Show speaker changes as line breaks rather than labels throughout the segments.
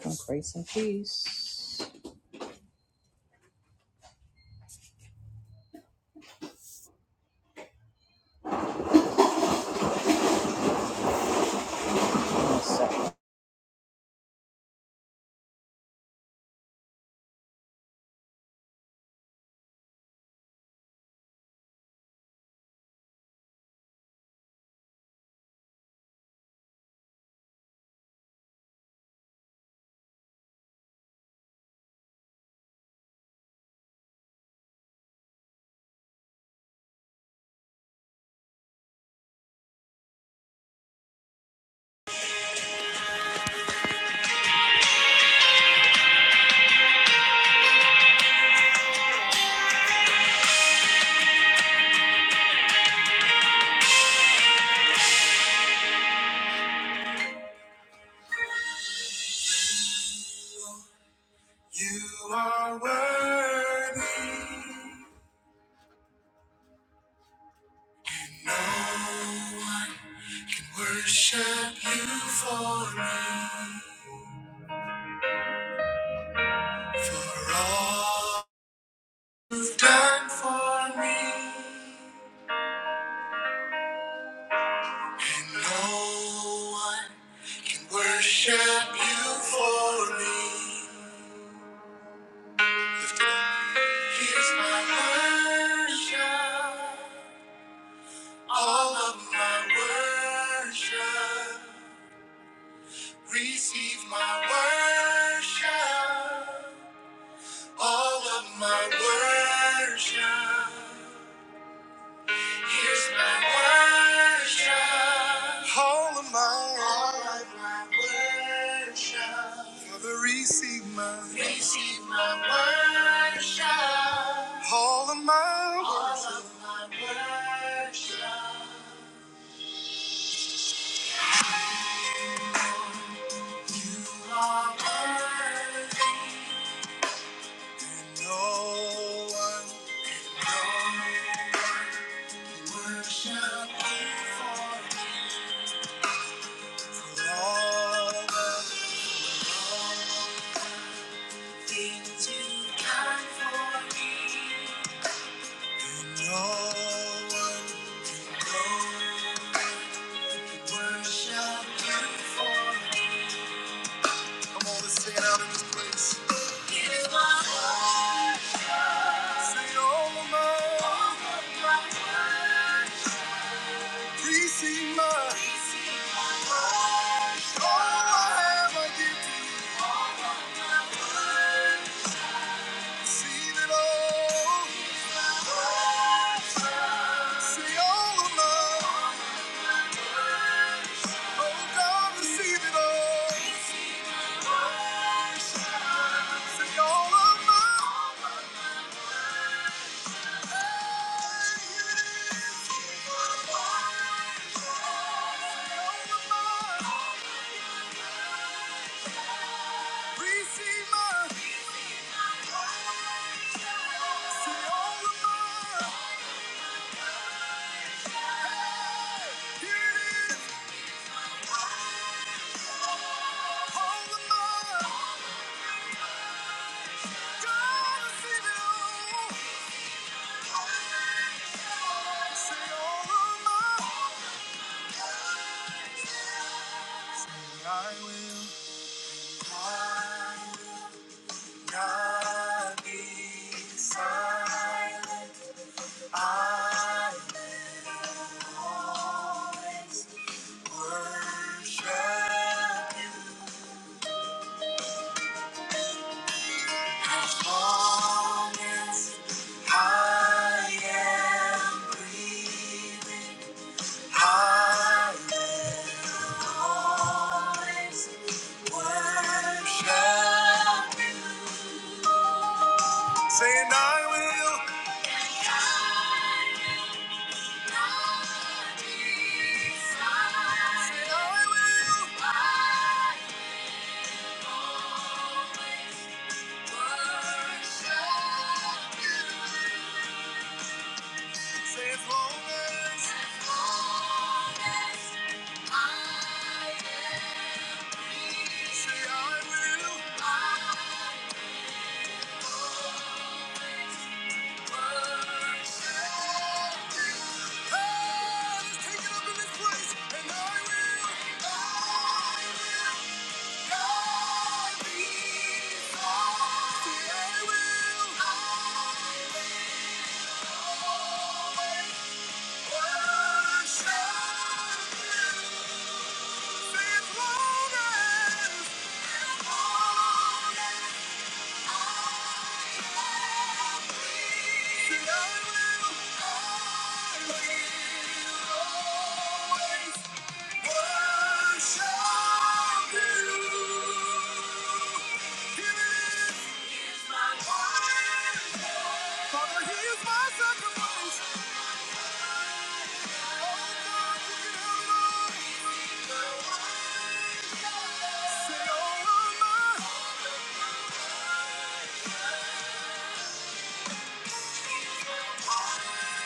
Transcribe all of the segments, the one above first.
From grace and peace. You are worthy. No one can worship you for me. For all you've done for me. And no one can worship you for me. Lift it up. Here's my worship. All of my worship, receive my worship. All of my worship, here's my worship. All of my, all of my worship. Father, receive my, receive my worship. All of my, all of my worship. You are worthy. and No one, no one worship you for for all the things you've done for me. And no one, no one worship you for me. Come on, let's sing it out in this place. You are worthy. Say, all of my, please see my, all I have I give to you. Receive it all. Say, all of mine, oh, God, receive it all. Say, all of mine, hey, here it is. Say, all of mine. Receive my all of my hey, here it is, all of my God, receive it all. all of my I will, God be silent. I will always worship you. As long as I am breathing, I will always worship you. Saying I will. Take it up in this place, and I will. I will. Thank you. Say over my heart.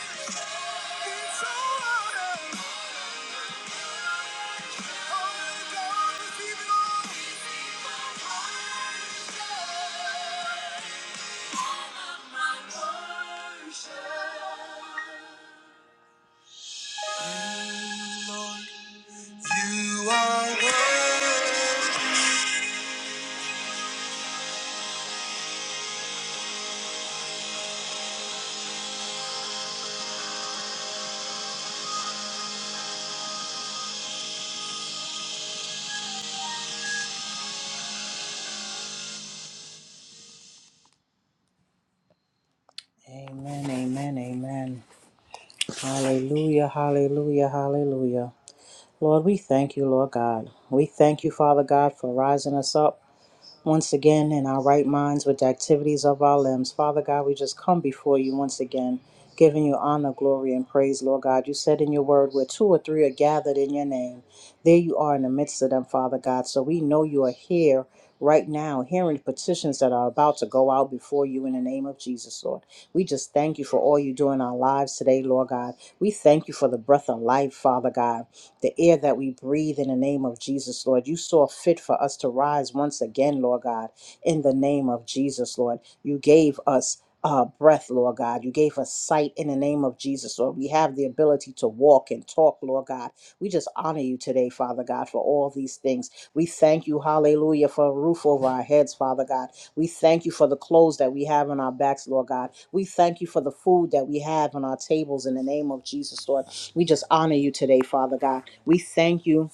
Amen, amen, amen. Hallelujah, hallelujah, hallelujah. Lord, we thank you, Lord God. We thank you, Father God, for rising us up. once again in our right minds with the activities of our limbs. Father God, we just come before you once again, giving you honor, glory, and praise, Lord God. You said in your word, where two or three are gathered in your name, there you are in the midst of them, Father God. So we know you are here right now, hearing petitions that are about to go out before you in the name of Jesus, Lord. We just thank you for all you do in our lives today, Lord God. We thank you for the breath of life, Father God the air that we breathe in the name of Jesus, Lord. You saw fit for us to rise once again, Lord God, in the name of Jesus, Lord. You gave us. Uh, breath, Lord God. You gave us sight in the name of Jesus, Lord. We have the ability to walk and talk, Lord God. We just honor you today, Father God, for all these things. We thank you, hallelujah, for a roof over our heads, Father God. We thank you for the clothes that we have on our backs, Lord God. We thank you for the food that we have on our tables in the name of Jesus, Lord. We just honor you today, Father God. We thank you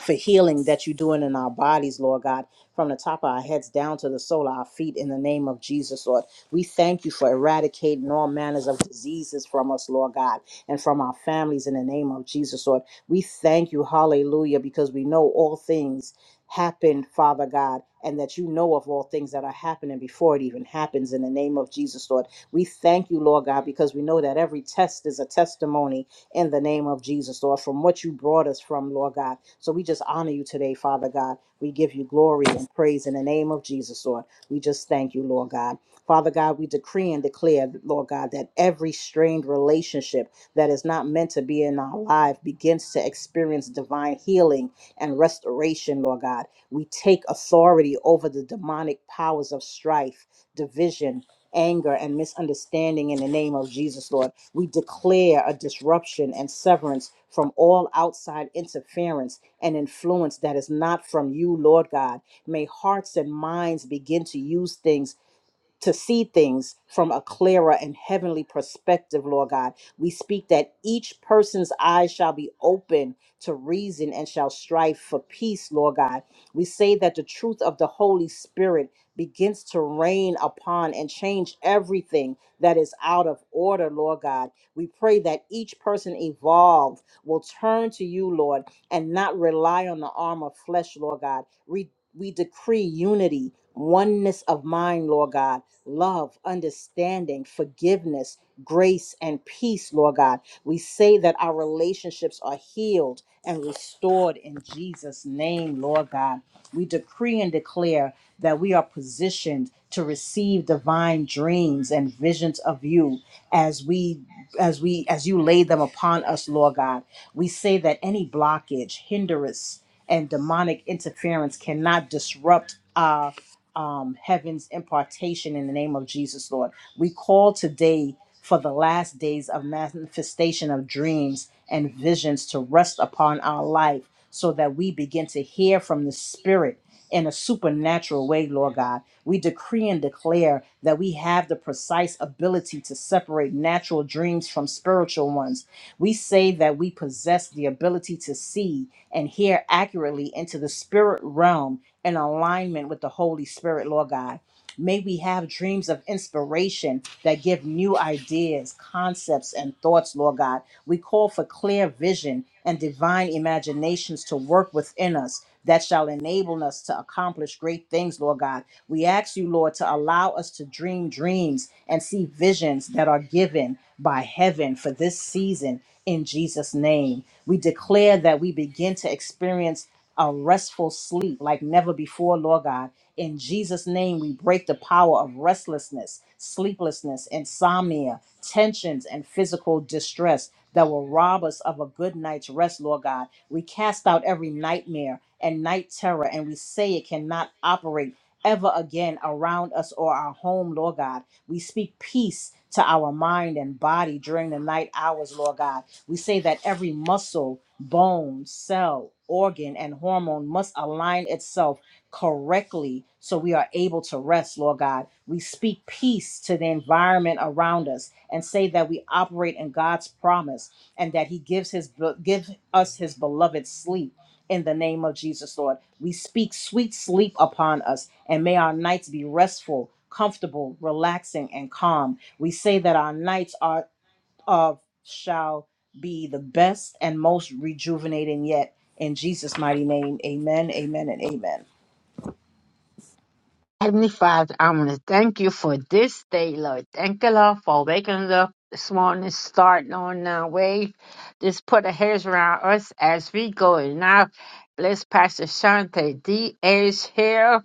for healing that you're doing in our bodies, Lord God, from the top of our heads down to the sole of our feet in the name of Jesus, Lord. We thank you for eradicating all manners of diseases from us, Lord God, and from our families in the name of Jesus, Lord. We thank you, hallelujah, because we know all things happen, Father God, and that you know of all things that are happening before it even happens in the name of Jesus, Lord. We thank you, Lord God, because we know that every test is a testimony in the name of Jesus, Lord, from what you brought us from, Lord God. So we just honor you today, Father God. We give you glory and praise in the name of Jesus, Lord. We just thank you, Lord God. Father God, we decree and declare, Lord God, that every strained relationship that is not meant to be in our life begins to experience divine healing and restoration, Lord God. We take authority over the demonic powers of strife, division, anger and misunderstanding in the name of Jesus, Lord. We declare a disruption and severance from all outside interference and influence that is not from you, Lord God. May hearts and minds begin to use things to see things from a clearer and heavenly perspective, Lord God. We speak that each person's eyes shall be open to reason and shall strive for peace, Lord God. We say that the truth of the Holy Spirit begins to reign upon and change everything that is out of order, Lord God. We pray that each person evolved will turn to you, Lord, and not rely on the arm of flesh, Lord God we decree unity, oneness of mind, Lord God, love, understanding, forgiveness, grace, and peace, Lord God. We say that our relationships are healed and restored in Jesus' name, Lord God. We decree and declare that we are positioned to receive divine dreams and visions of you as we as we as you lay them upon us lord god we say that any blockage, hindrance, and demonic interference cannot disrupt our um, heaven's impartation in the name of Jesus, Lord. We call today for the last days of manifestation of dreams and visions to rest upon our life so that we begin to hear from the Spirit in a supernatural way, Lord God. We decree and declare that we have the precise ability to separate natural dreams from spiritual ones we say that we possess the ability to see and hear accurately into the spirit realm in alignment with the Holy Spirit, Lord God. May we have dreams of inspiration that give new ideas, concepts, and thoughts, Lord God. We call for clear vision and divine imaginations to work within us that shall enable us to accomplish great things, Lord God. We ask you, Lord, to allow us to dream dreams and see visions that are given by heaven for this season in Jesus' name. We declare that we begin to experience a restful sleep like never before, Lord God. In Jesus' name, we break the power of restlessness, sleeplessness, insomnia, tensions, and physical distress that will rob us of a good night's rest, Lord God. We cast out every nightmare and night terror, and we say it cannot operate ever again around us or our home, Lord God. We speak peace to our mind and body during the night hours, Lord God. We say that every muscle, bone, cell, organ, and hormone must align itself correctly so we are able to rest, Lord God. We speak peace to the environment around us and say that we operate in God's promise and that He gives His give us His beloved sleep. In the name of Jesus, Lord, we speak sweet sleep upon us, and may our nights be restful, comfortable, relaxing, and calm. We say that our nights are of shall be the best and most rejuvenating yet. In Jesus' mighty name, amen, amen, and amen.
Heavenly Father, I want to thank you for this day, Lord. Thank you, Lord, for waking us up this morning, starting on our way. Just put a hedge around us as we go. And now, bless Pastor Shante D. H. here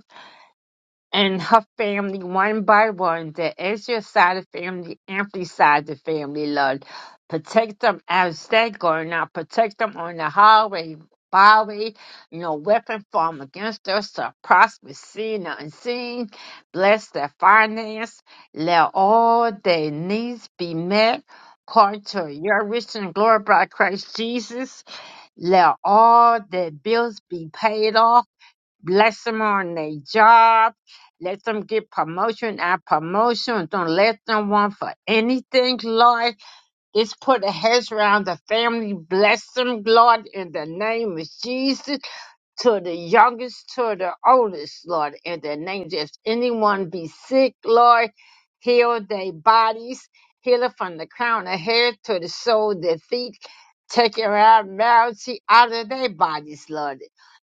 and her family one by one, the Ezra side of family, Anthony side of family, Lord. Protect them as they go now. Protect them on the highway, byway. No weapon formed against us to prosper, seen or unseen. Bless their finance. Let all their needs be met. According to your rich and glory by Christ Jesus, let all their bills be paid off bless them on their job. Let them get promotion and promotion. Don't let them want for anything, Lord. Just put a hedge around the family. Bless them, Lord, in the name of Jesus to the youngest to the oldest, Lord, in their names. If anyone be sick, Lord, heal their bodies, heal it from the crown of head to the sole of their feet, take your abnormality out of their bodies, Lord.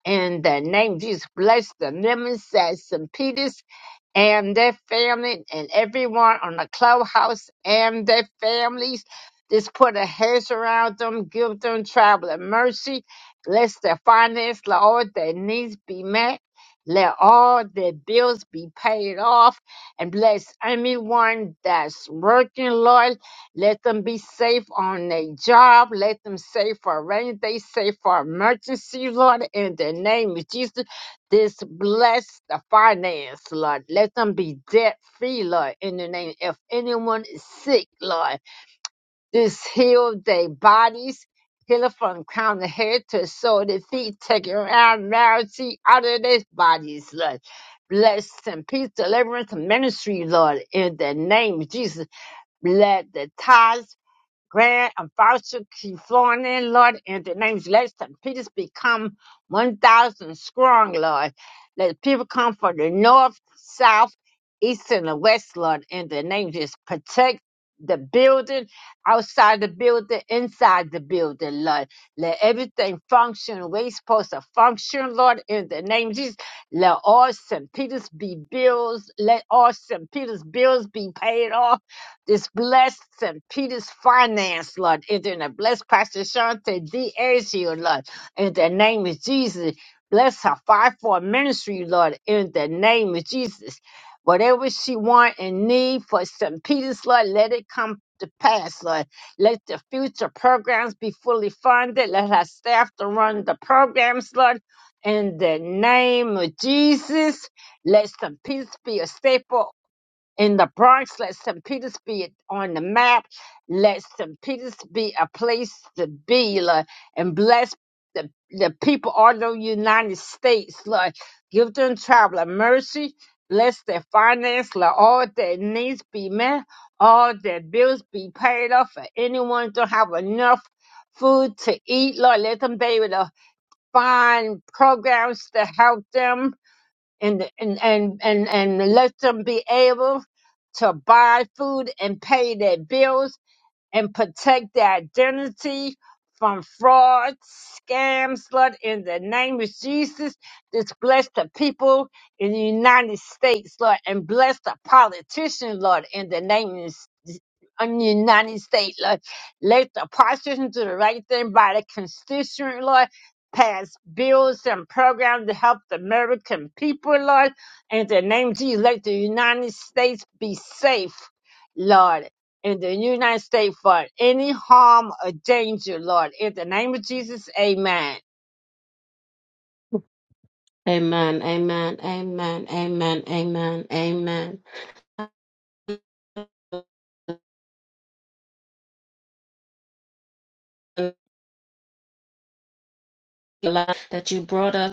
In the name of Jesus, bless the lemon, says St. Peter's and their family and everyone on the clubhouse and their families. Just put a hedge around them, give them traveling mercy. Bless their finances, let all their needs be met. Let all their bills be paid off and bless anyone that's working, Lord. Let them be safe on their job. Let them safe for rainy day, safe for emergency, Lord. In the name of Jesus, this bless the finance, Lord. Let them be debt free, Lord, in the name. If anyone is sick, Lord, just heal their bodies. Heal it from crown of head to sole of the feet. Take it around malady out of their bodies, Lord. Bless and peace, deliverance, and ministry, Lord, in the name of Jesus. Let the tithes Grant and Foster keep flowing in, Lord, and the names let St. Peter's become 1,000 strong, Lord. Let people come from the north, south, east, and the west, Lord, and the name just protect the building, outside the building, inside the building, Lord. Let everything function the way it's supposed to function, Lord, in the name of Jesus. Let all St. Peter's be bills, let all St. Peter's bills be paid off this blessed St. Peter's Finance, Lord. And then the blessed Pastor Shante D. Azio, Lord. In the name of Jesus. Bless her five for ministry, Lord. In the name of Jesus. Whatever she want and need for St. Peter's, Lord, let it come to pass, Lord. Let the future programs be fully funded. Let her staff to run the programs, Lord. In the name of Jesus. Let St. Peter's be a staple in the Bronx. Let St. Peter's be on the map. Let St. Peter's be a place to be, Lord, and bless the, the people all over the United States, Lord. Give them traveling mercy. Bless their finance, Lord. All their needs be met. All their bills be paid off. And anyone don't have enough food to eat, Lord, let them be able to find programs to help them and and and and, and let them be able to buy food and pay their bills and protect their identity from fraud, scams, Lord, in the name of Jesus. Just bless the people in the United States, Lord, and bless the politicians, Lord, in the name of in the United States, Lord. Let the politicians do the right thing by the constituent, Lord. Pass bills and programs to help the American people, Lord. In the name of Jesus, let the United States be safe, Lord in the United States for any harm or danger, Lord. In the name of Jesus, amen.
Amen. Amen. Amen. Amen. Amen. Amen. That you brought us.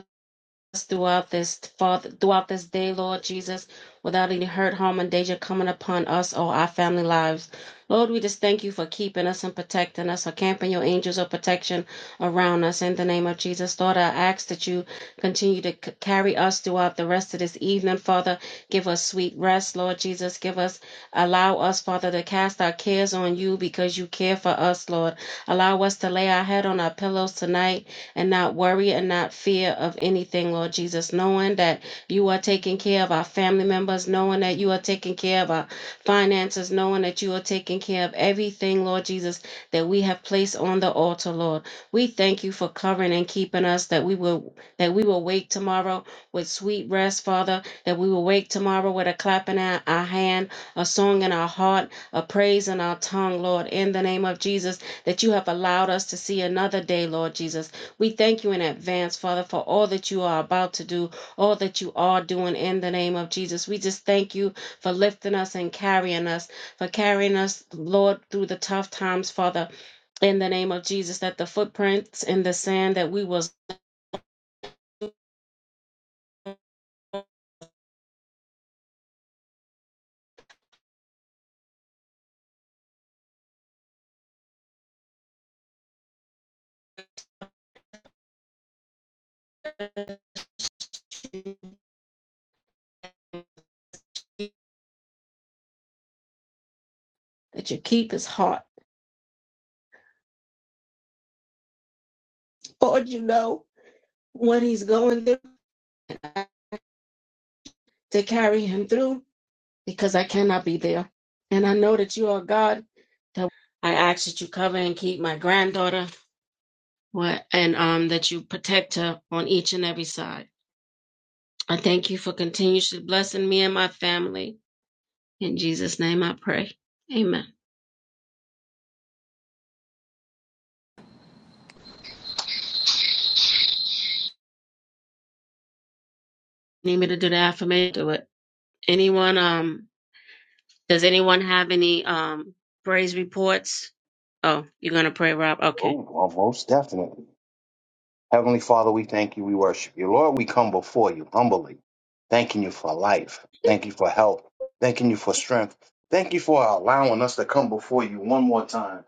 throughout this Father, throughout this day, Lord Jesus, without any hurt, harm, and danger coming upon us or our family lives. Lord, we just thank you for keeping us and protecting us, or camping your angels of protection around us in the name of Jesus. Lord, I ask that you continue to c- carry us throughout the rest of this evening, Father. Give us sweet rest, Lord Jesus. Give us, allow us, Father, to cast our cares on you because you care for us, Lord. Allow us to lay our head on our pillows tonight and not worry and not fear of anything, Lord Jesus, knowing that you are taking care of our family members, knowing that you are taking care of our finances, knowing that you are taking care of everything, Lord Jesus, that we have placed on the altar, Lord. We thank you for covering and keeping us, that we will that we will wake tomorrow with sweet rest, Father, that we will wake tomorrow with a clap in our, our hand, a song in our heart, a praise in our tongue, Lord, in the name of Jesus, that you have allowed us to see another day, Lord Jesus we thank you in advance, Father, for all that you are about to do, all that you are doing in the name of Jesus. We just thank you for lifting us and carrying us, for carrying us, Lord, through the tough times, Father, in the name of Jesus, that the footprints in the sand that we was, that you keep his heart. Lord, you know what he's going through to carry him through because I cannot be there. And I know that you are God. That I ask that you cover and keep my granddaughter What and um that you protect her on each and every side. I thank you for continuously blessing me and my family. In Jesus' name I pray. Amen. Need me to do the affirmation? Do it. Anyone um does anyone have any um praise reports? Oh, you're gonna pray, Rob? Okay.
Oh, well, most definitely. Heavenly Father, we thank you. We worship you. Lord, we come before you humbly, thanking you for life. Thank you for help. Thanking you for strength. Thank you for allowing us to come before you one more time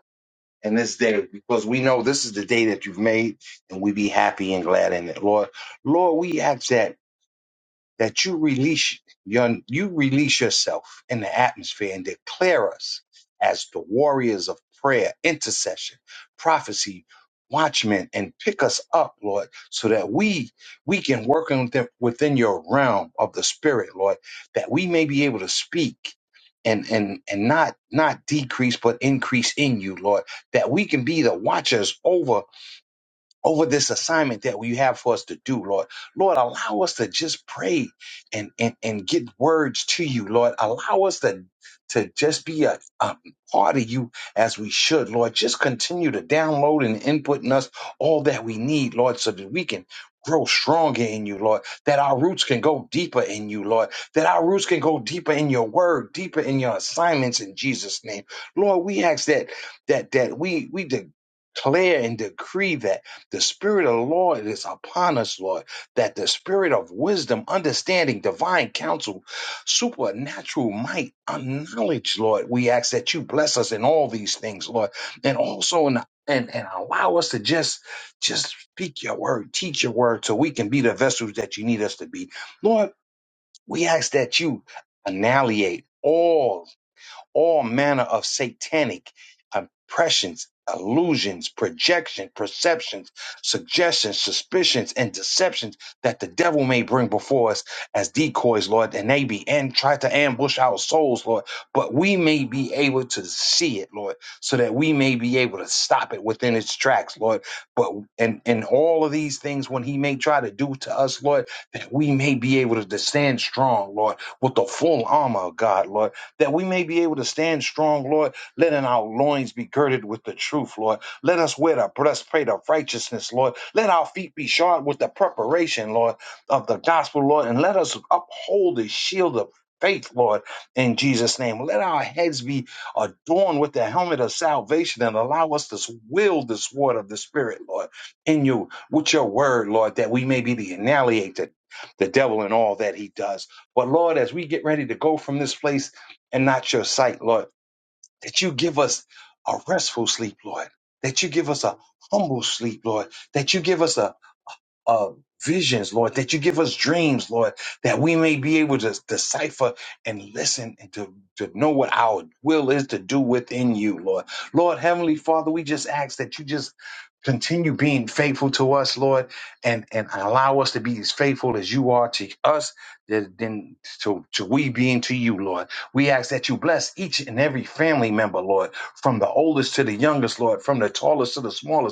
in this day because we know this is the day that you've made and we be happy and glad in it, Lord. Lord, we ask that that you release your, you release yourself in the atmosphere and declare us as the warriors of prayer, intercession, prophecy, watchmen, and pick us up, Lord, so that we we can work on them within your realm of the spirit, Lord, that we may be able to speak. And, and and not not decrease but increase in you, Lord, that we can be the watchers over over this assignment that you have for us to do, Lord. Lord, allow us to just pray and and, and get words to you, Lord. Allow us to to just be a, a part of you as we should, Lord. Just continue to download and input in us all that we need, Lord, so that we can grow stronger in you, Lord. That our roots can go deeper in you, Lord. That our roots can go deeper in your word, deeper in your assignments in Jesus' name. Lord, we ask that that that we we de- declare and decree that. The Spirit of the Lord is upon us, Lord, that the Spirit of wisdom, understanding, divine counsel, supernatural might, and knowledge, Lord, we ask that you bless us in all these things, Lord, and also in and, and allow us to just just speak your word, teach your word, so we can be the vessels that you need us to be. Lord, we ask that you annihilate all all manner of satanic impressions, illusions, projection, perceptions, suggestions, suspicions, and deceptions that the devil may bring before us as decoys, Lord, and they be and try to ambush our souls, Lord, but we may be able to see it, Lord, so that we may be able to stop it within its tracks, Lord. But and and all of these things when he may try to do to us, Lord, that we may be able to stand strong, Lord, with the full armor of God, Lord that we may be able to stand strong, Lord. Letting our loins be girded with the truth, Lord. Let us wear the breastplate of righteousness, Lord. Let our feet be shod with the preparation, Lord, of the gospel, Lord. And let us uphold the shield of faith, Lord, in Jesus' name. Let our heads be adorned with the helmet of salvation and allow us to wield the sword of the Spirit, Lord, in you, with your word, Lord, that we may be the annihilated the the devil and all that he does. But Lord, as we get ready to go from this place, and not your sight, Lord. That you give us a restful sleep, Lord. That you give us a humble sleep, Lord. That you give us a uh, visions, Lord, that you give us dreams, Lord, that we may be able to decipher and listen and to, to know what our will is to do within you, Lord. Lord, Heavenly Father, we just ask that you just continue being faithful to us, Lord, and, and allow us to be as faithful as you are to us, that- then to, to we being to you, Lord. We ask that you bless each and every family member, Lord, from the oldest to the youngest, Lord, from the tallest to the smallest.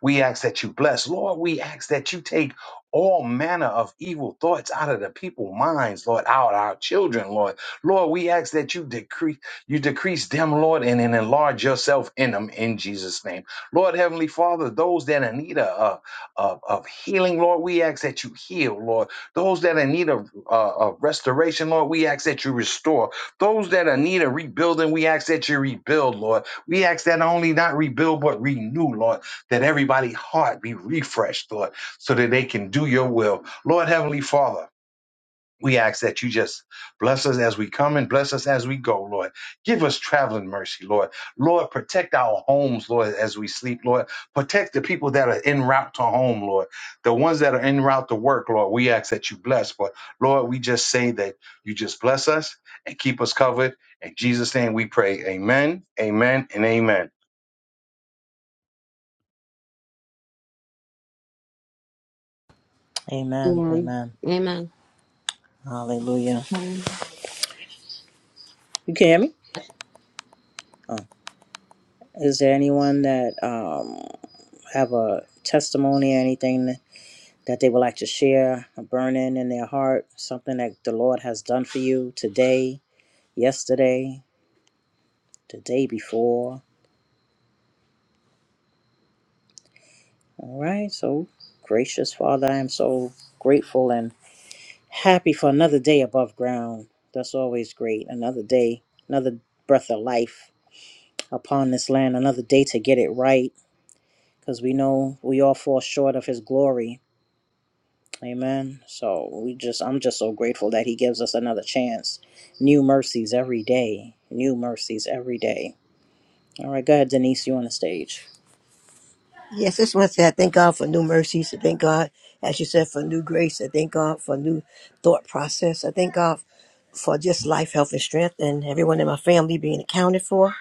We ask that you bless. Lord, we ask that you take all manner of evil thoughts out of the people's minds, Lord, out our children, Lord. Lord, we ask that you decrease, you decrease them, Lord, and, and enlarge yourself in them in Jesus' name. Lord, Heavenly Father, those that are in need of, of, of healing, Lord, we ask that you heal, Lord. Those that are in need of, uh, of restoration, Lord, we ask that you restore. Those that are in need of rebuilding, we ask that you rebuild, Lord. We ask that only not rebuild, but renew, Lord that everybody heart be refreshed, Lord, so that they can do your will. Lord Heavenly Father, we ask that you just bless us as we come and bless us as we go, Lord. Give us traveling mercy, Lord. Lord, protect our homes, Lord, as we sleep, Lord. Protect the people that are en route to home, Lord. The ones that are en route to work, Lord, we ask that you bless. But Lord, we just say that you just bless us and keep us covered. In Jesus' name we pray. Amen, amen, and amen.
Amen.
Amen.
Amen. Hallelujah.
Amen.
You can hear me? Oh. Is there anyone that um have a testimony or anything that they would like to share, a burning in their heart, something that the Lord has done for you today, yesterday, the day before? All right. So gracious Father, I am so grateful and. Happy for another day above ground. That's always great. Another day, another breath of life upon this land, another day to get it right because we know we all fall short of his glory. Amen. So we just I'm just so grateful that he gives us another chance. New mercies every day. New mercies every day. All right, go ahead, Denise, you on the stage.
Yes, I just want to say I thank God for new mercies. I thank God, as you said, for new grace. I thank God for new thought process. I thank God for just life, health, and strength, and everyone in my family being accounted for.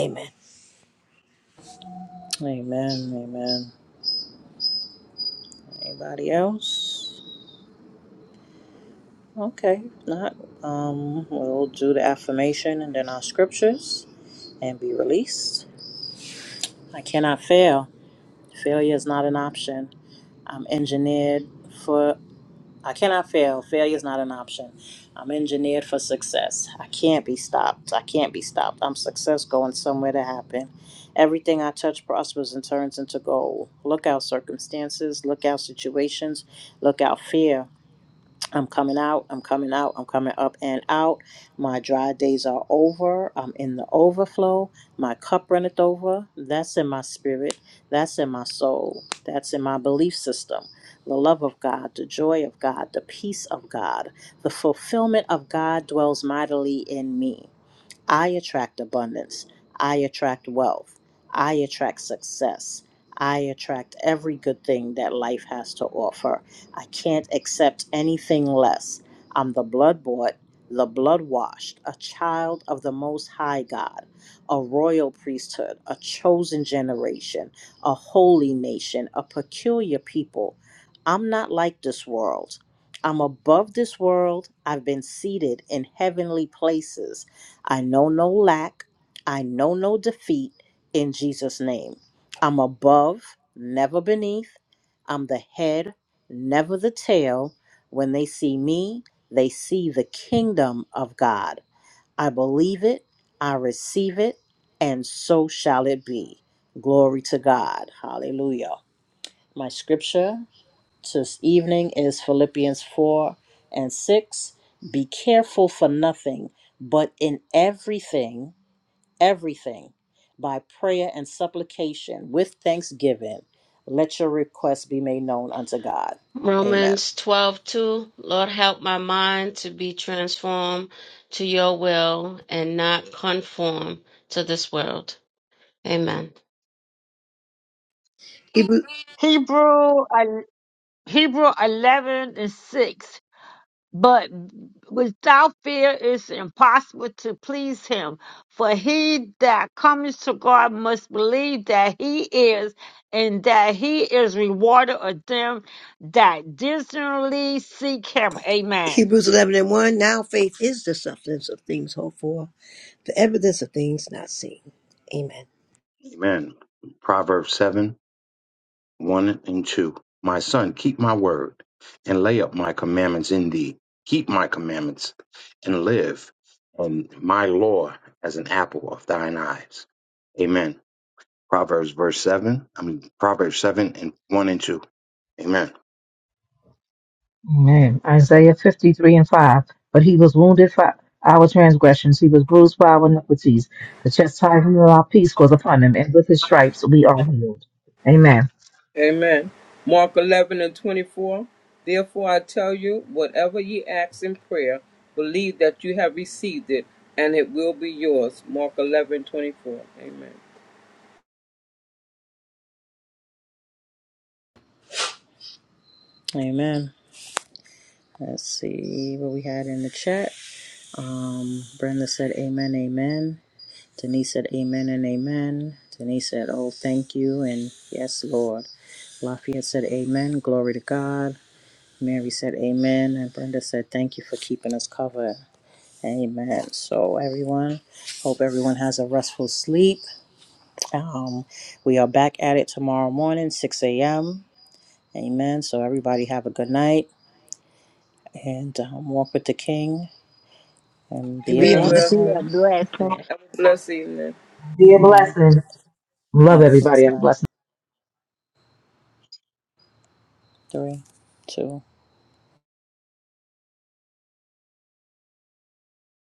Amen.
Amen. Amen. Anybody else? Okay. if Not. Um, we'll do the affirmation and then our scriptures. and be released. I cannot fail. Failure is not an option. I'm engineered for, I cannot fail. Failure is not an option. I'm engineered for success. I can't be stopped. I can't be stopped. I'm success going somewhere to happen. Everything I touch prospers and turns into gold. Look out circumstances, look out situations, look out fear. I'm coming out, I'm coming out, I'm coming up and out. My dry days are over. I'm in the overflow. My cup runneth over. That's in my spirit. That's in my soul. That's in my belief system. The love of God, the joy of God, the peace of God, the fulfillment of God dwells mightily in me. I attract abundance. I attract wealth. I attract success. I attract every good thing that life has to offer. I can't accept anything less. I'm the blood bought, the blood washed, a child of the Most High God, a royal priesthood, a chosen generation, a holy nation, a peculiar people. I'm not like this world. I'm above this world. I've been seated in heavenly places. I know no lack. I know no defeat in Jesus' name. I'm above, never beneath. I'm the head, never the tail. When they see me, they see the kingdom of God. I believe it, I receive it, and so shall it be. Glory to God. Hallelujah. My scripture this evening is Philippians 4 and 6. Be careful for nothing, but in everything everything by prayer and supplication with thanksgiving. Let your requests be made known unto God. Amen.
Romans twelve two. Lord help my mind to be transformed to your will and not conform to this world. Amen.
Hebrew, el- Hebrew 11 and 6. But without fear, it's impossible to please him. For he that cometh to God must believe that he is, and that he is rewarded of them that diligently seek him. Amen.
Hebrews 11 and 1. Now faith is the substance of things hoped for, the evidence of things not seen. Amen.
Amen. Proverbs 7 1 and 2. My son, keep my word and lay up my commandments in thee. Keep my commandments and live, and my law as an apple of thine eyes. Amen. Proverbs verse 7. I mean, Proverbs 7 and 1 and 2. Amen.
Amen. Isaiah 53 and 5. But he was wounded for our transgressions, he was bruised for our iniquities. The chastisement of our peace was upon him, and with his stripes we are healed. Amen.
Amen. Mark 11 and 24. Therefore I tell you, whatever ye ask in prayer, believe that you have received it, and it will be yours. Mark 11:24. Amen.
Amen. Let's see what we had in the chat. Um, Brenda said, Amen, amen. Denise said, Amen and amen. Denise said, Oh, thank you. And yes, Lord. Lafayette said, Amen. Glory to God. Mary said, Amen. And Brenda said, Thank you for keeping us covered. Amen. So, everyone, hope everyone has a restful sleep. Um, we are back at it tomorrow morning, 6 a.m. Amen. So everybody have a good night and um, walk with the King and
And
be a
be a
Leah
And
blessing.
be
Bethel,
blessing.
a blessing.
have a blessed evening.
Be a
All right.
blessing. Love
Have a
everybody.
blessed
Have a
night.
blessed
Three, two.